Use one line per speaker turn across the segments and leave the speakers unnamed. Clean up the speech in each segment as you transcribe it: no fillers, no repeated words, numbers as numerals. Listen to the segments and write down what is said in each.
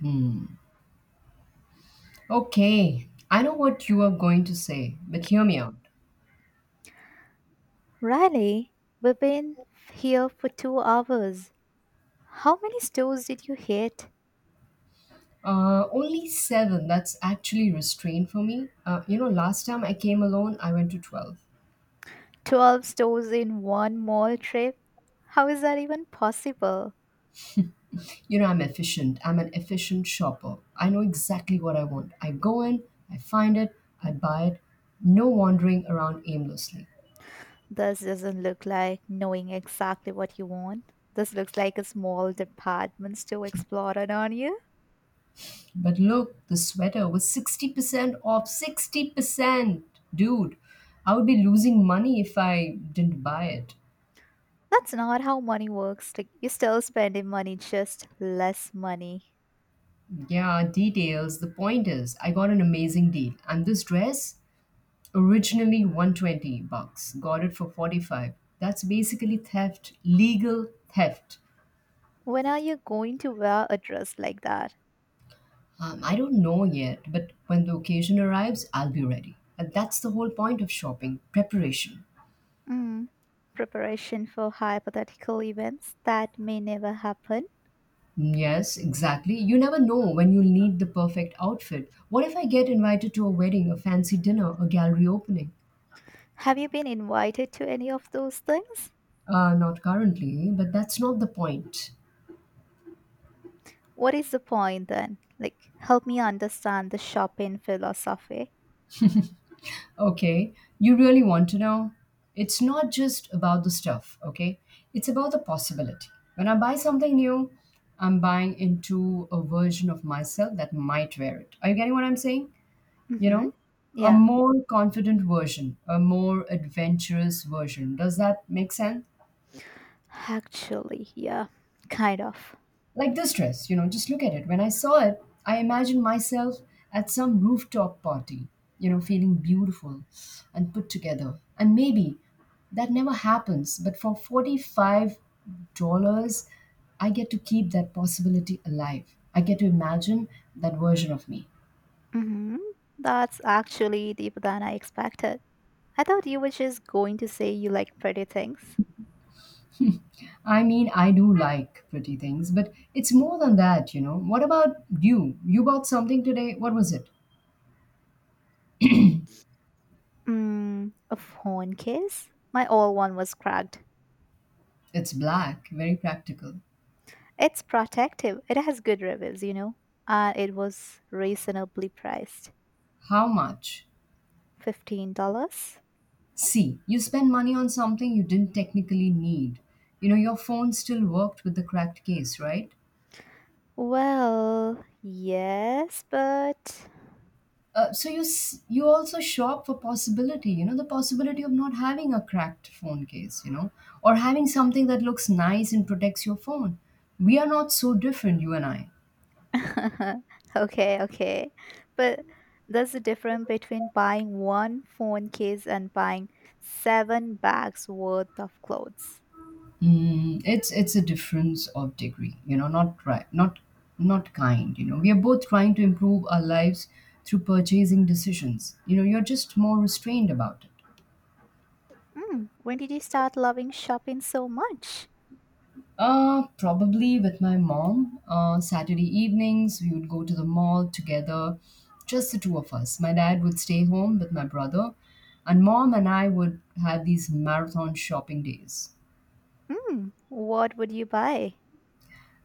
Hmm. Okay, I know what you are going to say, but hear me out.
Really? We've been here for 2 hours. How many stores did you hit?
Only seven, that's actually restrained for me. Last time I came alone, I went to 12.
12 stores in one mall trip? How is that even possible?
You know, I'm efficient. I'm an efficient shopper. I know exactly what I want. I go in, I find it, I buy it. No wandering around aimlessly.
This doesn't look like knowing exactly what you want. This looks like a small department store explorer on you.
But look, the sweater was 60% off. 60%! Dude, I would be losing money if I didn't buy it.
That's not how money works. Like, you're still spending money, just less money.
Yeah, details. The point is, I got an amazing deal. And this dress, originally 120 bucks, got it for 45. That's basically theft, legal theft.
When are you going to wear a dress like that?
I don't know yet, but when the occasion arrives, I'll be ready. And that's the whole point of shopping, preparation.
Mm, Preparation for hypothetical events that may never happen.
Yes, exactly. You never know when you'll need the perfect outfit. What if I get invited to a wedding, a fancy dinner, a gallery opening?
Have you been invited to any of those things?
Not currently, but that's not the point.
What is the point then? Like, help me understand the shopping philosophy.
Okay, you really want to know? It's not just about the stuff, okay? It's about the possibility. When I buy something new, I'm buying into a version of myself that might wear it. Are you getting what I'm saying? You
Mm-hmm.
know, a
Yeah,
more confident version, a more adventurous version. Does that make sense?
actually, yeah, kind of.
Like this dress, you know, just look at it. When I saw it, I imagined myself at some rooftop party, you know, feeling beautiful and put together. And maybe that never happens, but for $45, I get to keep that possibility alive. I get to imagine that version of me.
Mm-hmm. That's actually deeper than I expected. I thought you were just going to say you like pretty things.
I mean, I do like pretty things, but it's more than that, you know. What about you? You bought something today. What was it?
A phone case? My old one was cracked.
It's black, very practical.
It's protective. It has good reviews, you know. It was reasonably priced.
How much?
$15?
See, you spend money on something you didn't technically need. You know, your phone still worked with the cracked case, right?
Well, yes, but.
You also shop for possibility, you know, the possibility of not having a cracked phone case, you know, or having something that looks nice and protects your phone. We are not so different, you and I.
Okay, okay. But there's a difference between buying one phone case and buying seven bags worth of clothes.
Mm, it's a difference of degree, you know, not right, not kind. You know, we are both trying to improve our lives through purchasing decisions. You know, you're just more restrained about it.
When did you start loving shopping so much?
Probably with my mom. Saturday evenings, we would go to the mall together, just the two of us. My dad would stay home with my brother, and mom and I would have these marathon shopping days.
What would you buy?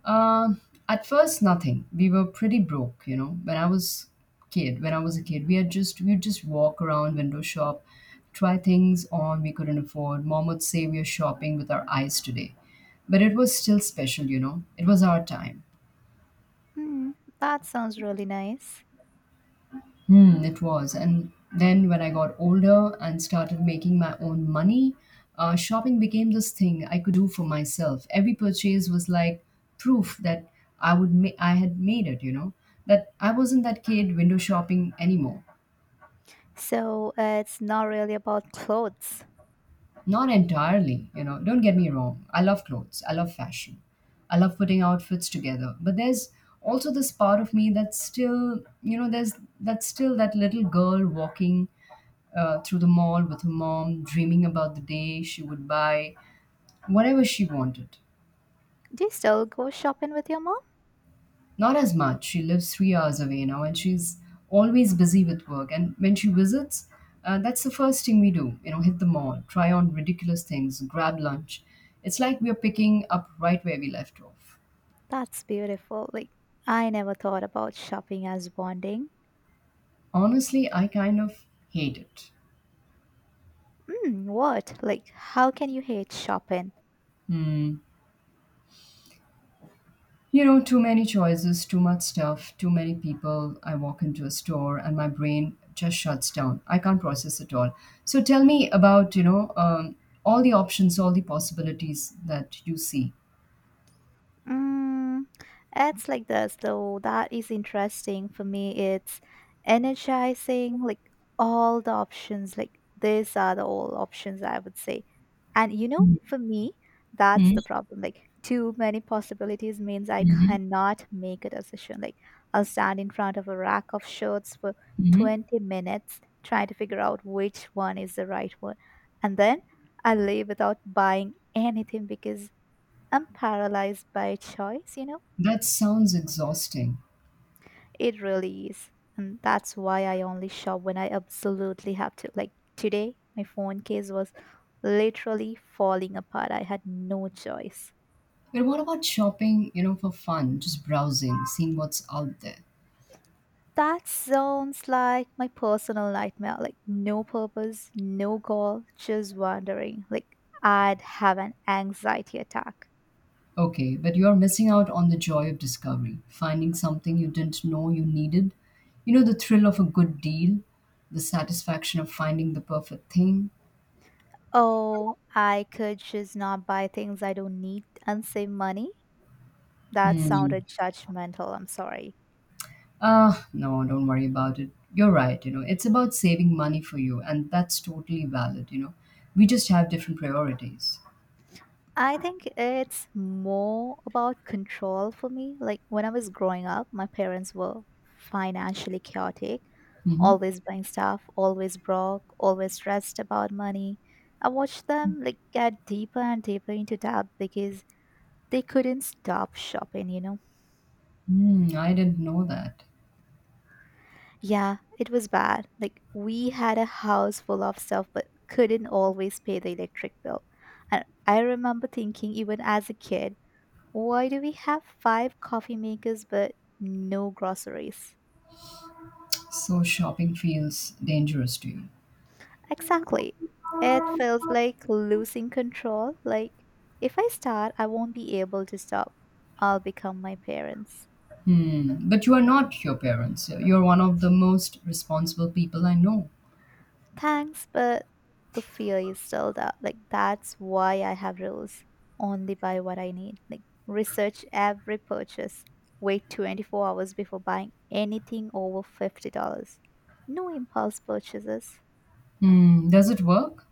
Uh, at first, nothing. We were pretty broke, you know. When I was a kid, we had just we would just walk around, window shop, try things on we couldn't afford. Mom would say we are shopping with our eyes today, but it was still special, you know. It was our time.
Mm, that sounds really nice.
Hmm, it was. And then when I got older and started making my own money, shopping became this thing I could do for myself. Every purchase was like proof that I had made it, you know, that I wasn't that kid window shopping anymore.
So it's not really about clothes.
Not entirely, you know, don't get me wrong. I love clothes, I love fashion, I love putting outfits together. But there's also this part of me that's still, you know, there's that's still that little girl walking through the mall with her mom, dreaming about the day she would buy whatever she wanted.
Do you still go shopping with your mom?
Not as much. She lives 3 hours away now and she's always busy with work. And when she visits, that's the first thing we do you know, hit the mall, try on ridiculous things, grab lunch. It's like we're picking up right where we left off.
That's beautiful. Like, I never thought about shopping as bonding.
Honestly, I kind of hate it.
What? Like, how can you hate shopping?
Hmm. You know, too many choices, too much stuff, too many people. I walk into a store and my brain just shuts down. I can't process it all. So tell me about, all the options, all the possibilities that you see.
Mm, it's like this, though. That is interesting for me. It's energizing. Like, all the options, like, these are the all options, I would say. And, you know, for me, that's
Hmm.
the problem. Like, too many possibilities means I
Hmm.
cannot make a decision. Like, I'll stand in front of a rack of shirts for
Hmm.
20 minutes trying to figure out which one is the right one, and then I leave without buying anything because I'm paralyzed by choice, you know?
That sounds exhausting.
It really is. And that's why I only shop when I absolutely have to. Like today, my phone case was literally falling apart. I had no choice.
But what about shopping, you know, for fun, just browsing, seeing what's out there?
That sounds like my personal nightmare. Like, no purpose, no goal, just wandering. Like, I'd have an anxiety attack.
Okay, but you are missing out on the joy of discovery, finding something you didn't know you needed. You know, the thrill of a good deal, the satisfaction of finding the perfect thing.
Oh, I could just not buy things I don't need and save money. That
Hmm.
sounded judgmental. I'm sorry.
Ah, no, don't worry about it. You're right, you know, it's about saving money for you, and that's totally valid, you know. We just have different priorities.
I think it's more about control for me. Like, when I was growing up, my parents were financially chaotic,
Mm-hmm.
always buying stuff, always broke, always stressed about money. I watched them like get deeper and deeper into debt because they couldn't stop shopping, you know.
Hmm, I didn't know that.
Yeah, it was bad. Like, we had a house full of stuff but couldn't always pay the electric bill. And I remember thinking, even as a kid, why do we have five coffee makers but no groceries?
So shopping feels dangerous to you.
Exactly. It feels like losing control. Like, if I start, I won't be able to stop. I'll become my parents.
Hmm. But you are not your parents. You're one of the most responsible people I know.
Thanks, but the fear is still there. Like, that's why I have rules. Only buy what I need. Like, research every purchase. Wait 24 hours before buying anything over $50. No impulse purchases.
Hmm, does it work?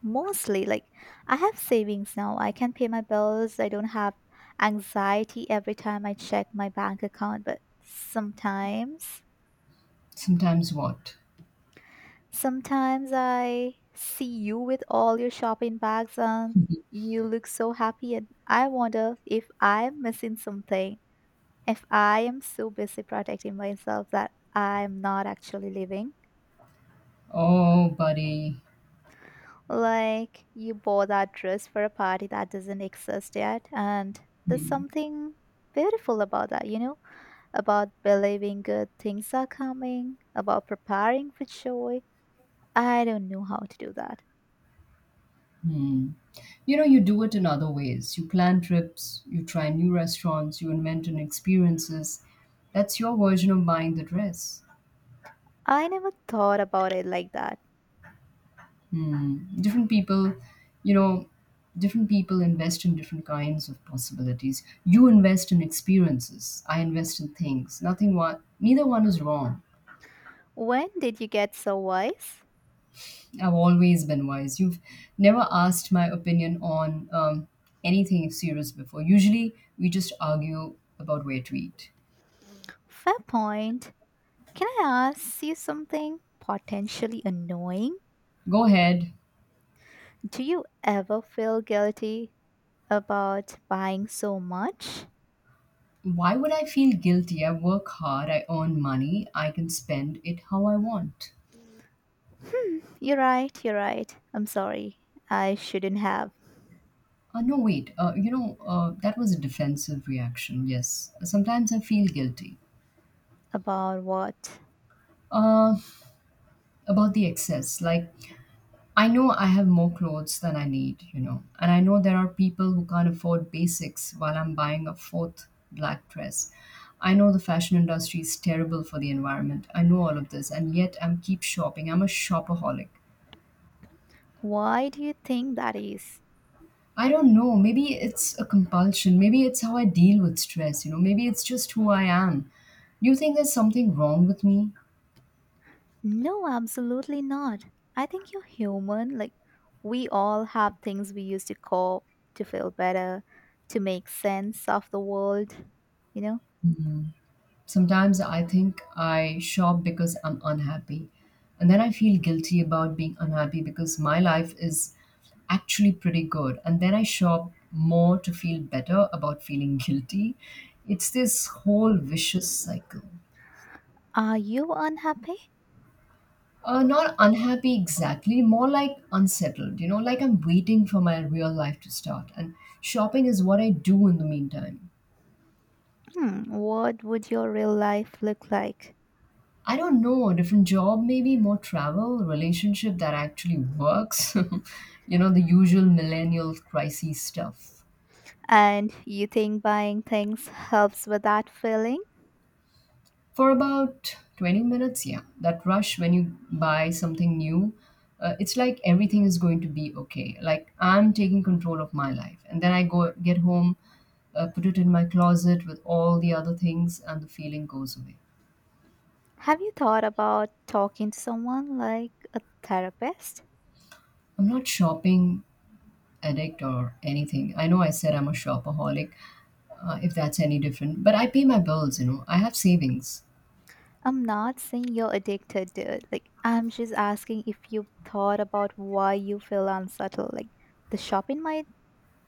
Mostly, like, I have savings now. I can pay my bills. I don't have anxiety every time I check my bank account, but sometimes,
Sometimes what?
sometimes I see you with all your shopping bags and you look so happy and I wonder if I'm missing something. If I am so busy protecting myself that I'm not actually living.
Oh, buddy.
Like, you bought that dress for a party that doesn't exist yet, and there's
Hmm.
something beautiful about that, you know, about believing good things are coming, about preparing for joy. I don't know how to do that.
Hmm. You know, you do it in other ways. You plan trips, you try new restaurants, you invent new experiences. That's your version of buying the dress.
I never thought about it like that.
Different people, you know, different people invest in different kinds of possibilities. You invest in experiences. I invest in things. Nothing one, neither one is wrong.
When did you get so wise?
I've always been wise. You've never asked my opinion on anything serious before. Usually, we just argue about where to eat.
Fair point. Can I ask you something potentially annoying?
Go ahead.
Do you ever feel guilty about buying so much?
Why would I feel guilty? I work hard, I earn money, I can spend it how I want.
You're right, you're right. I'm sorry. I shouldn't have.
No, wait. That was a defensive reaction, yes. Sometimes I feel guilty
About what?
uh, about the excess. Like, I know I have more clothes than I need, you know, and I know there are people who can't afford basics while I'm buying a fourth black dress. I know the fashion industry is terrible for the environment. I know all of this, and yet I'm keep shopping. I'm a shopaholic.
Why do you think that is?
I don't know. Maybe it's a compulsion. Maybe it's how I deal with stress, you know. Maybe it's just who I am. Do you think there's something wrong with me?
No, absolutely not. I think you're human. Like, we all have things we use to cope, to feel better, to make sense of the world. You know?
Sometimes I think I shop because I'm unhappy. And then I feel guilty about being unhappy because my life is actually pretty good. And then I shop more to feel better about feeling guilty. It's this whole vicious cycle.
Are you unhappy?
Not unhappy exactly, more like unsettled, you know, like I'm waiting for my real life to start. And shopping is what I do in the meantime.
What would your real life look like?
I don't know, different job, maybe more travel, relationship that actually works. you know, the usual millennial crisis stuff.
And you think buying things helps with that feeling?
For about 20 minutes, yeah. That rush when you buy something new, it's like everything is going to be okay. Like I'm taking control of my life. And then I go get home, put it in my closet with all the other things, and the feeling goes away.
Have you thought about talking to someone like a therapist?
I'm not shopping, addict or anything. I know I said I'm a shopaholic, if that's any different, but I pay my bills, you know, I have savings.
I'm not saying you're addicted to it. Like, I'm just asking if you've thought about why you feel unsettled. Like, the shopping might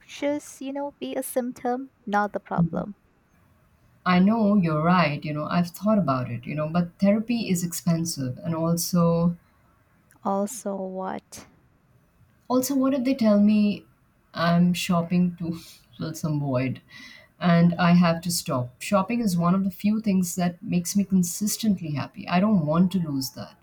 just, you know, be a symptom, not the
Mhm.
problem.
I know you're right, you know, I've thought about it, you know, but therapy is expensive and also
Also, what?
also what if they tell me I'm shopping to fill some void and I have to stop. Shopping is one of the few things that makes me consistently happy. I don't want to lose that.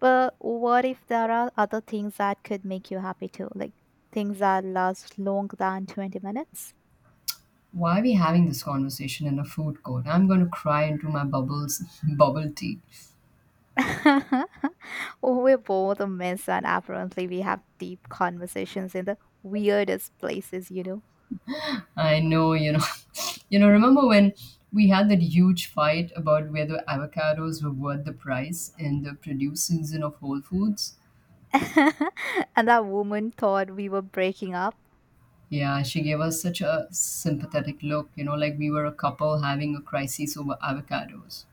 But what if there are other things that could make you happy too? Like, things that last longer than 20 minutes?
Why are we having this conversation in a food court? I'm going to cry into my bubble tea.
Oh, we're both a mess, and apparently, we have deep conversations in the weirdest places, you know.
I know, you know. you know, remember when we had that huge fight about whether avocados were worth the price in the produce season of Whole Foods?
And that woman thought we were breaking up.
Yeah, she gave us such a sympathetic look, you know, like we were a couple having a crisis over avocados.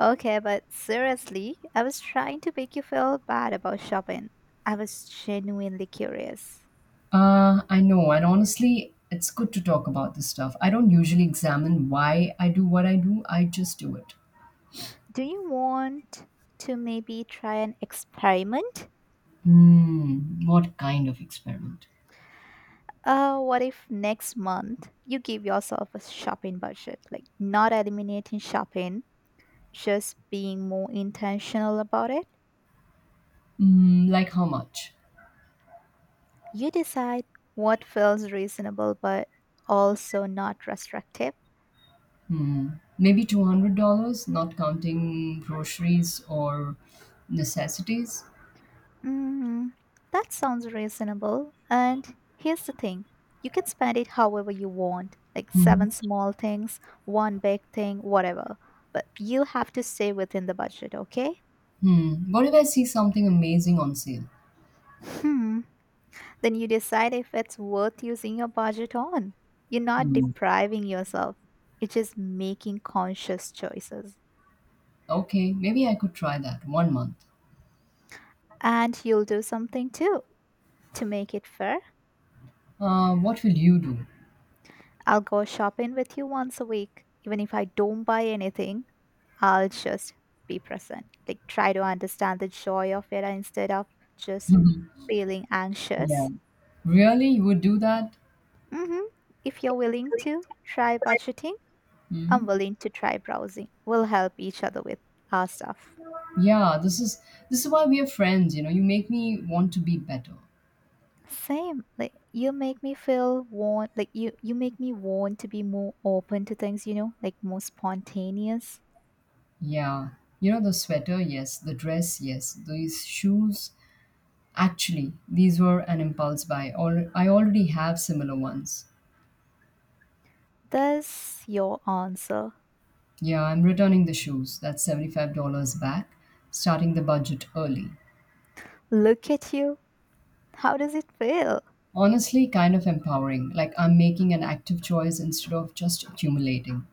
Okay, but seriously, I was trying to make you feel bad about shopping. I was genuinely curious.
I know, and honestly, it's good to talk about this stuff. I don't usually examine why I do what I do, I just do it.
Do you want to maybe try an experiment?
Hmm, what kind of experiment?
What if next month you give yourself a shopping budget? Like, not eliminating shopping, just being more intentional about it?
Hmm, like how much?
You decide what feels reasonable but also not restrictive.
Hmm, maybe $200, not counting groceries or necessities.
Mm, that sounds reasonable. And here's the thing, you can spend it however you want, like
Hmm.
seven small things, one big thing, whatever. But you have to stay within the budget, okay?
Hmm. What if I see something amazing on sale?
Hmm. Then you decide if it's worth using your budget on. You're not
Hmm.
depriving yourself, it's just making conscious choices.
Okay, maybe I could try that one month.
And you'll do something too to make it fair.
What will you do?
I'll go shopping with you once a week. Even if I don't buy anything, I'll just be present. Like, try to understand the joy of it instead of just feeling
yeah.
anxious.
Really? You would do that?
hmm If you're willing to try budgeting, I'm
Hmm?
willing to try browsing. We'll help each other with our stuff.
Yeah, this is why we are friends, you know. You make me want to be better.
Same. Like, you make me want to be more open to things, you know, like more spontaneous.
Yeah, you know, the sweater, yes, the dress, yes, these shoes. Actually, these were an impulse buy. I already have similar ones.
That's your answer.
Yeah, I'm returning the shoes. That's $75 back, starting the budget early.
Look at you. How does it feel?
Honestly, kind of empowering. Like I'm making an active choice instead of just accumulating.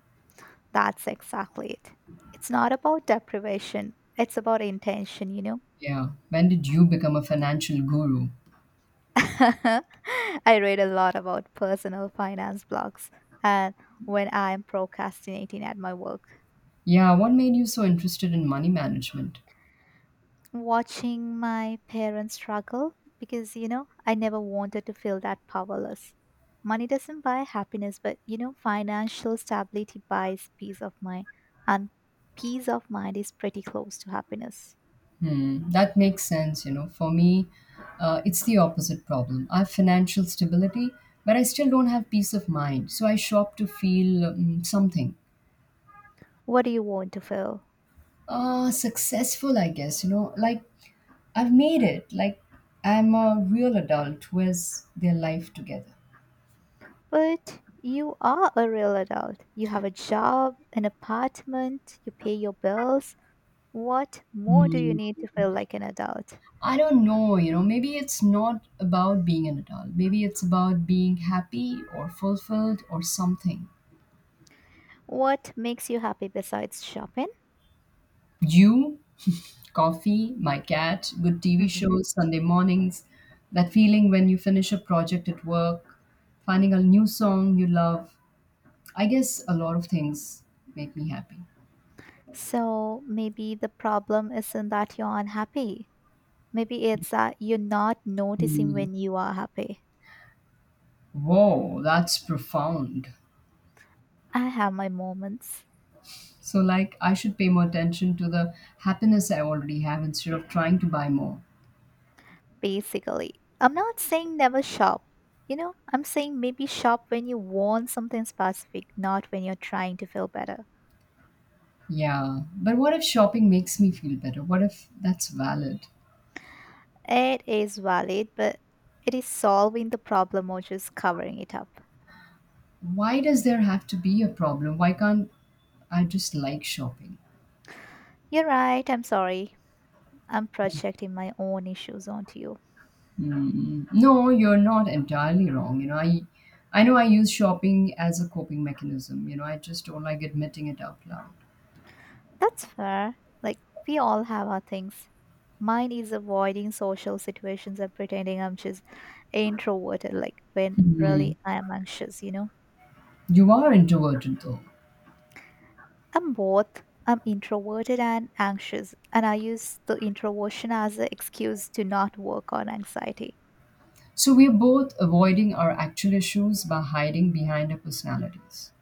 That's exactly it. It's not about deprivation, it's about intention, you know.
Yeah. When did you become a financial guru?
I read a lot about personal finance blogs and when I'm procrastinating at my work,
Yeah, what made you so interested in money management?
watching my parents struggle because, you know, I never wanted to feel that powerless. Money doesn't buy happiness, but, you know, financial stability buys peace of mind, and peace of mind is pretty close to happiness.
Hmm, that makes sense. You know, for me, it's the opposite problem. I have financial stability, but I still don't have peace of mind. So I shop to feel something.
What do you want to feel?
Successful, I guess. You know, like I've made it. Like I'm a real adult who has their life together.
But you are a real adult. You have a job, an apartment, you pay your bills. What more do you
Hmm.
need to feel like an adult?
I don't know, maybe it's not about being an adult. Maybe it's about being happy or fulfilled or something.
What makes you happy besides shopping?
You? Coffee, my cat, good TV
hmm
shows, Sunday mornings, that feeling when you finish a project at work, finding a new song you love. I guess a lot of things make me happy.
So maybe the problem isn't that you're unhappy. Maybe it's that you're not noticing
Hmm.
when you are happy.
Whoa, that's profound.
I have my moments,
So, like, I should pay more attention to the happiness I already have instead of trying to buy more.
basically. I'm not saying never shop. You know, I'm saying maybe shop when you want something specific, not when you're trying to feel better.
Yeah, but what if shopping makes me feel better? What if that's valid?
It is valid, but it is solving the problem or just covering it up.
Why does there have to be a problem? Why can't I just like shopping?
You're right, I'm sorry. I'm projecting my own issues onto you.
Mm, no, you're not entirely wrong. I know I use shopping as a coping mechanism. I just don't like admitting it out loud.
That's fair. Like, we all have our things. Mine is avoiding social situations and pretending I'm just introverted, like, when really I am anxious, you know?
You are introverted though.
I'm both. I'm introverted and anxious, and I use the introversion as an excuse to not work on anxiety.
So we're both avoiding our actual issues by hiding behind our personalities.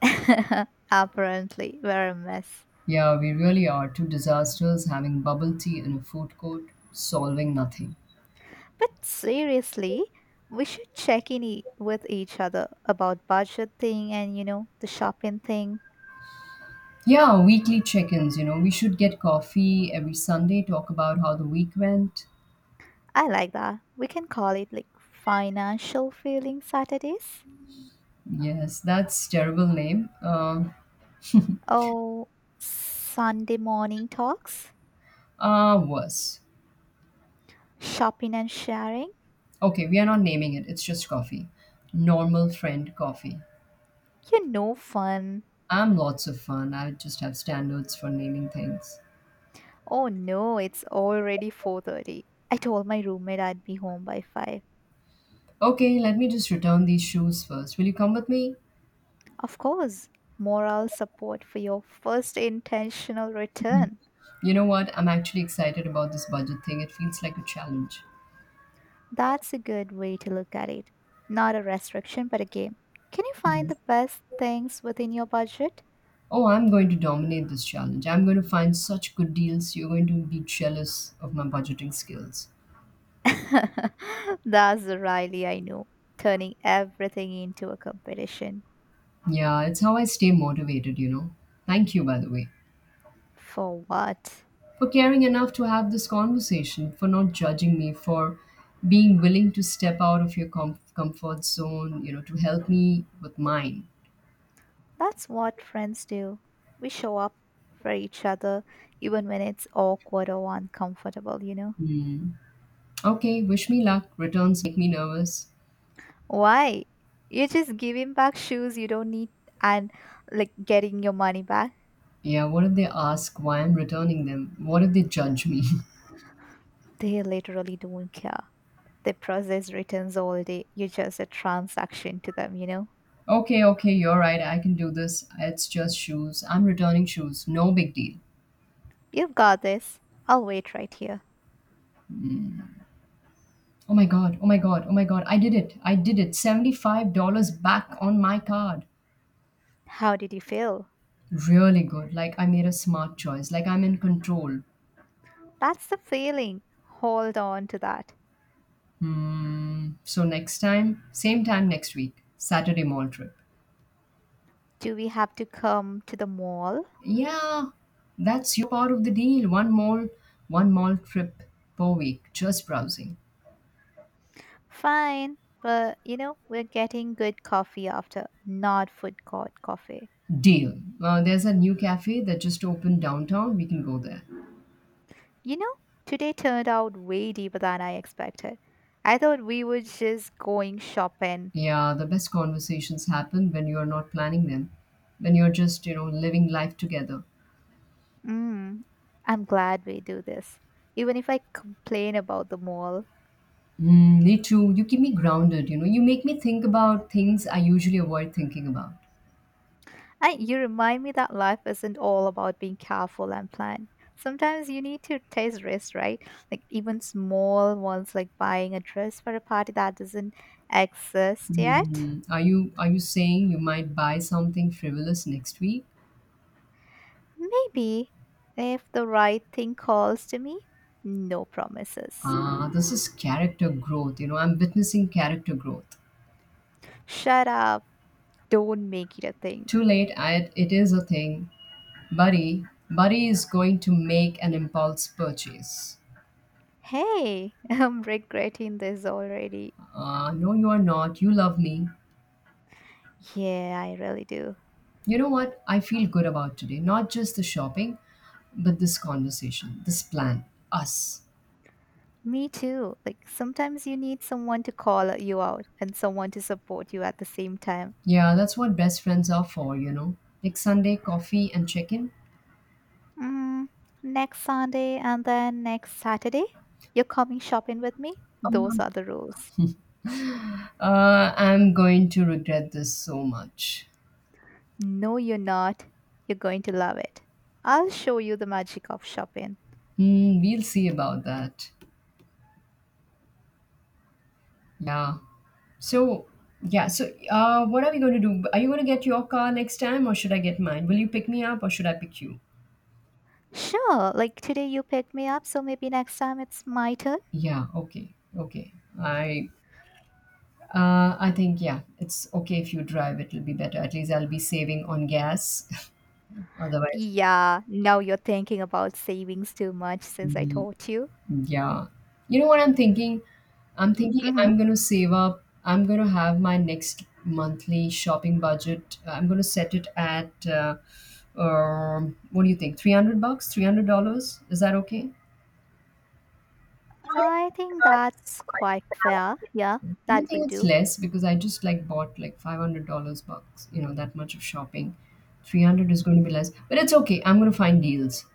Apparently, we're a mess.
Yeah, we really are two disasters having bubble tea in a food court, solving nothing.
But seriously, we should check in with each other about budget thing and you know the shopping thing.
Yeah, weekly check-ins, we should get coffee every Sunday, talk about how the week went.
I like that. We can call it like financial feeling Saturdays
Yes, that's terrible name.
or Sunday morning talks,
Worse.
shopping and sharing.
Okay, we are not naming it. It's just coffee. Normal friend coffee.
You are no fun.
I'm lots of fun. I just have standards for naming things.
Oh no, it's already 4:30. I told my roommate I'd be home by 5.
Okay, let me just return these shoes first. Will you come with me?
Of course, moral support for your first intentional return.
You know what? I'm actually excited about this budget thing. It feels like a challenge.
That's a good way to look at it. Not a restriction, but a game. Can you find
Mm.
the best things within your budget?
Oh, I'm going to dominate this challenge. I'm going to find such good deals. You're going to be jealous of my budgeting skills.
That's the Riley I know, turning everything into a competition.
Yeah, it's how I stay motivated. Thank you, by the way.
For what?
For caring enough to have this conversation, for not judging me, for being willing to step out of your comfort zone, to help me with mine.
That's what friends do. We show up for each other, even when it's awkward or uncomfortable, you know?
Hmm. Okay, wish me luck. Returns make me nervous.
Why? You're just giving back shoes you don't need and like getting your money back.
Yeah, what if they ask why I'm returning them? What if they judge me?
They literally don't care. They process returns all day. You're just a transaction to them, you know?
Okay, okay, you're right. I can do this. It's just shoes. I'm returning shoes. No big deal.
You've got this. I'll wait right here.
Oh my god, oh my god, oh my god. I did it. I did it. $75 back on my card.
How did you feel?
Really good. Like I made a smart choice. Like I'm in control.
That's the feeling. Hold on to that.
Hmm. So next time, same time next week, Saturday mall trip.
Do we have to come to the mall?
Yeah, that's your part of the deal. One mall trip per week, just browsing.
Fine, but you know, we're getting good coffee after, not food court coffee.
Deal. There's a new cafe that just opened downtown. We can go there.
You know, today turned out way deeper than I expected. I thought we were just going shopping.
Yeah, the best conversations happen when you are not planning them, when you're just, living life together.
Mm, I'm glad we do this. Even if I complain about the mall,
Mm, me too. You keep me grounded, you know. You make me think about things I usually avoid thinking about.
you remind me that life isn't all about being careful and planned. Sometimes you need to taste risks, right? Like, even small ones, like buying a dress for a party that doesn't exist yet.
Mm, are you saying you might buy something frivolous next week?
Maybe, if the right thing calls to me, no promises.
Ah, this is character growth. I'm witnessing character growth.
Shut up. Don't make it a thing.
Too late, it is a thing. Buddy, Buddy is going to make an impulse purchase.
Hey, I'm regretting this already.
No, you are not. You love me.
Yeah, I really do.
You know what? I feel good about today. Not just the shopping, but this conversation, this plan, us.
Me too. Like, sometimes you need someone to call you out and someone to support you at the same time.
Yeah, that's what best friends are for. Like Sunday coffee and chicken.
Mm, Next Sunday and then next Saturday, you're coming shopping with me? Those are the rules.
I'm going to regret this so much.
No, you're not. You're going to love it. I'll show you the magic of shopping.
Hmm, we'll see about that. Yeah. So, yeah. So, what are we going to do? Are you going to get your car next time, or should I get mine? Will you pick me up, or should I pick you?
Sure, like today you picked me up, so maybe next time it's my turn.
Yeah. Okay. Okay. I. I think yeah, it's okay if you drive. It'll be better. At least I'll be saving on gas. Otherwise.
Yeah, now you're thinking about savings too much since I taught you.
Yeah. You know what I'm thinking? I'm thinking
Mm
I'm
hmm.
going to save up. I'm going to have my next monthly shopping budget. I'm going to set it at, what do you think? 300 bucks? $300? Is that okay?
I think that's quite fair. Yeah,
I
that
think
would
it's
do.
less because I just like bought like $500 bucks, that much of shopping. 300 is going to be less, but it's okay. I'm going to find deals.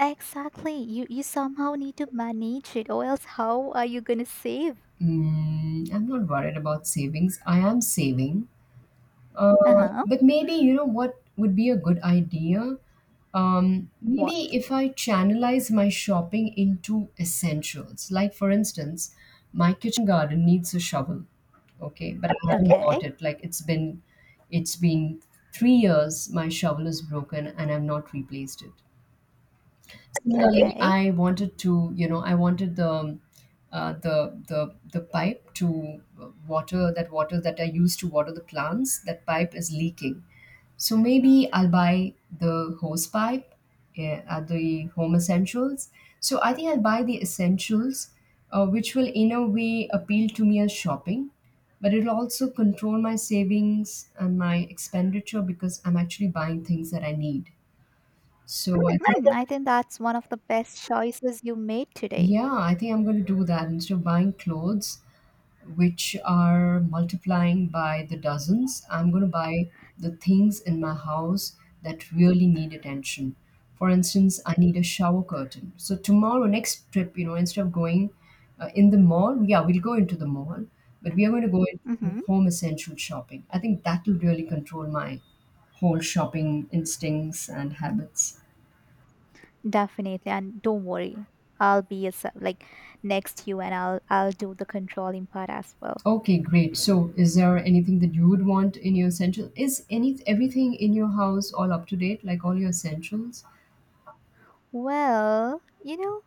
Exactly. You somehow need to manage it, or else how are you gonna save?
Mm, I'm not worried about savings. I am saving,
Uh
Uh,
huh.
but maybe you know what would be a good idea?
What?
Maybe if I channelize my shopping into essentials, like for instance, my kitchen garden needs a shovel. Okay, but I haven't bought
Okay.
it. Like it's been 3 years. My shovel is broken, and I've not replaced it. Similarly,
Okay.
I wanted to, I wanted the the pipe to water that I use to water the plants. That pipe is leaking, so maybe I'll buy the hose pipe at the home essentials. So I think I'll buy the essentials, which will in a way appeal to me as shopping, but it'll also control my savings and my expenditure because I'm actually buying things that I need. So I think
I think that's one of the best choices you made today.
yeah, I think I'm going to do that. Instead of buying clothes, which are multiplying by the dozens, I'm going to buy the things in my house that really need attention. For instance, I need a shower curtain. So, tomorrow, next trip, instead of going in the mall, yeah, we'll go into the mall, but we are going to go into
Mm-hmm.
home essential shopping. I think that will really control my whole shopping instincts and habits.
Definitely. And don't worry, I'll be like next to you, and I'll do the controlling part as well.
Okay, great. So, is there anything that you would want in your essential? Is any everything in your house all up to date, like all your essentials?
Well, you know,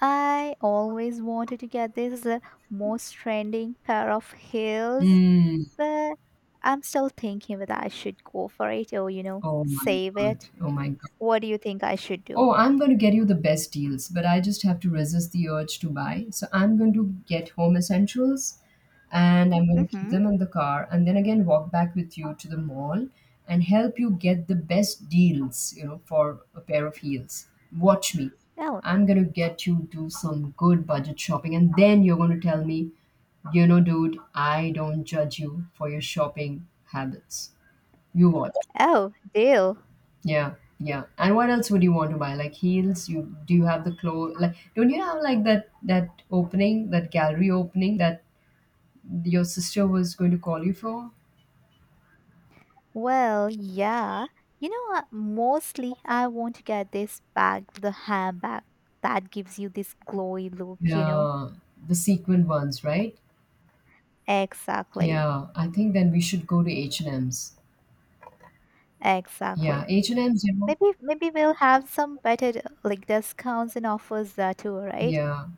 I always wanted to get this most trending pair of heels.
Mm.
But I'm still thinking whether I should go for it or, you know,
Oh my
save
God.
it.
Oh my God.
What do you think I should do?
Oh, I'm going to get you the best deals, but I just have to resist the urge to buy. So I'm going to get home essentials and I'm going to keep
Mm-hmm.
them in the car and then again walk back with you to the mall and help you get the best deals, for a pair of heels. Watch me.
Oh,
I'm going to get you to some good budget shopping and then you're going to tell me, dude, I don't judge you for your shopping habits. You watch.
oh, deal.
Yeah, yeah. And what else would you want to buy? Like heels? You do you have the clothes? Like don't you have like that opening, that gallery opening that your sister was going to call you for?
Well, yeah. You know what? Mostly I want to get this bag, the handbag that gives you this glowy look, you know?
Yeah, the sequin ones, right?
Exactly.
Yeah, I think then we should go to H&M's. Yeah,
Exactly.
H&M's. You know.
Maybe we'll have some better like discounts and offers there too, right?
Yeah,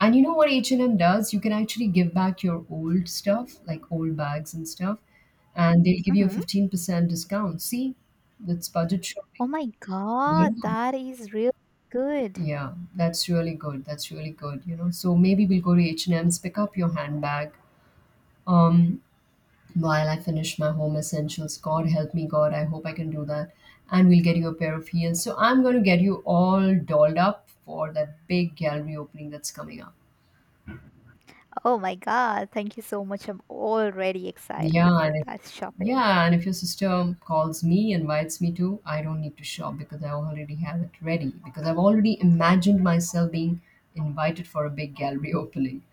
and you know what H&M does? You can actually give back your old stuff, like old bags and stuff, and they'll give you a
Mm-hmm.
15% discount. See, that's budget shopping.
Oh my
Yeah.
god, that is real good.
Yeah, that's really good. That's really good. You know, so maybe we'll go to H&M's, pick up your handbag. Um, while I finish my home essentials, God help me, God, I hope I can do that. And we'll get you a pair of heels. So I'm going to get you all dolled up for that big gallery opening that's coming up.
Oh my God, thank you so much. I'm already excited
Yeah,
for
and if,
that shopping.
yeah, and if your sister calls me, invites me to, I don't need to shop because I already have it ready because I've already imagined myself being invited for a big gallery opening.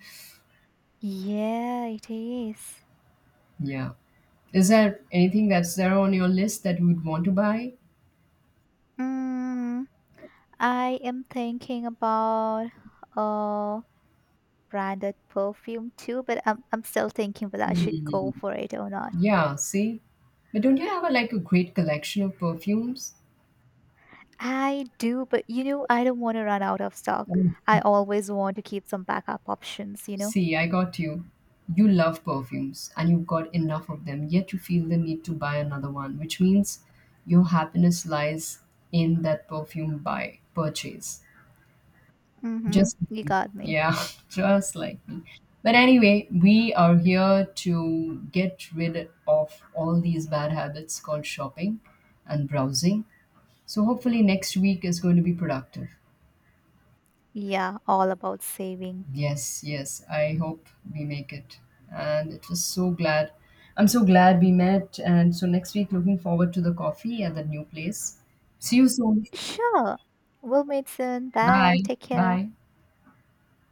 Yeah, it is.
Yeah. Is there anything that's there on your list that you would want to buy?
Mm, I am thinking about a branded perfume too, but I'm still thinking whether I should go
Mm.
for it or not.
Yeah, see? But don't you have a, like a great collection of perfumes?
I do, but you know, I don't want to run out of stock.
Mm.
I always want to keep some backup options, you know?
See, I got you. You love perfumes and you've got enough of them, yet you feel the need to buy another one, which means your happiness lies in that perfume buy purchase.
Mm-hmm.
Just like
You
me.
got me.
Yeah, just like me. But anyway, we are here to get rid of all these bad habits called shopping and browsing. So hopefully next week is going to be productive.
Yeah, all about saving.
Yes, yes, I hope we make it. And it was so glad. I'm so glad we met. And so next week, looking forward to the coffee at the new place. See you soon.
Sure. We'll meet soon. Bye.
Bye.
Take care.
Bye.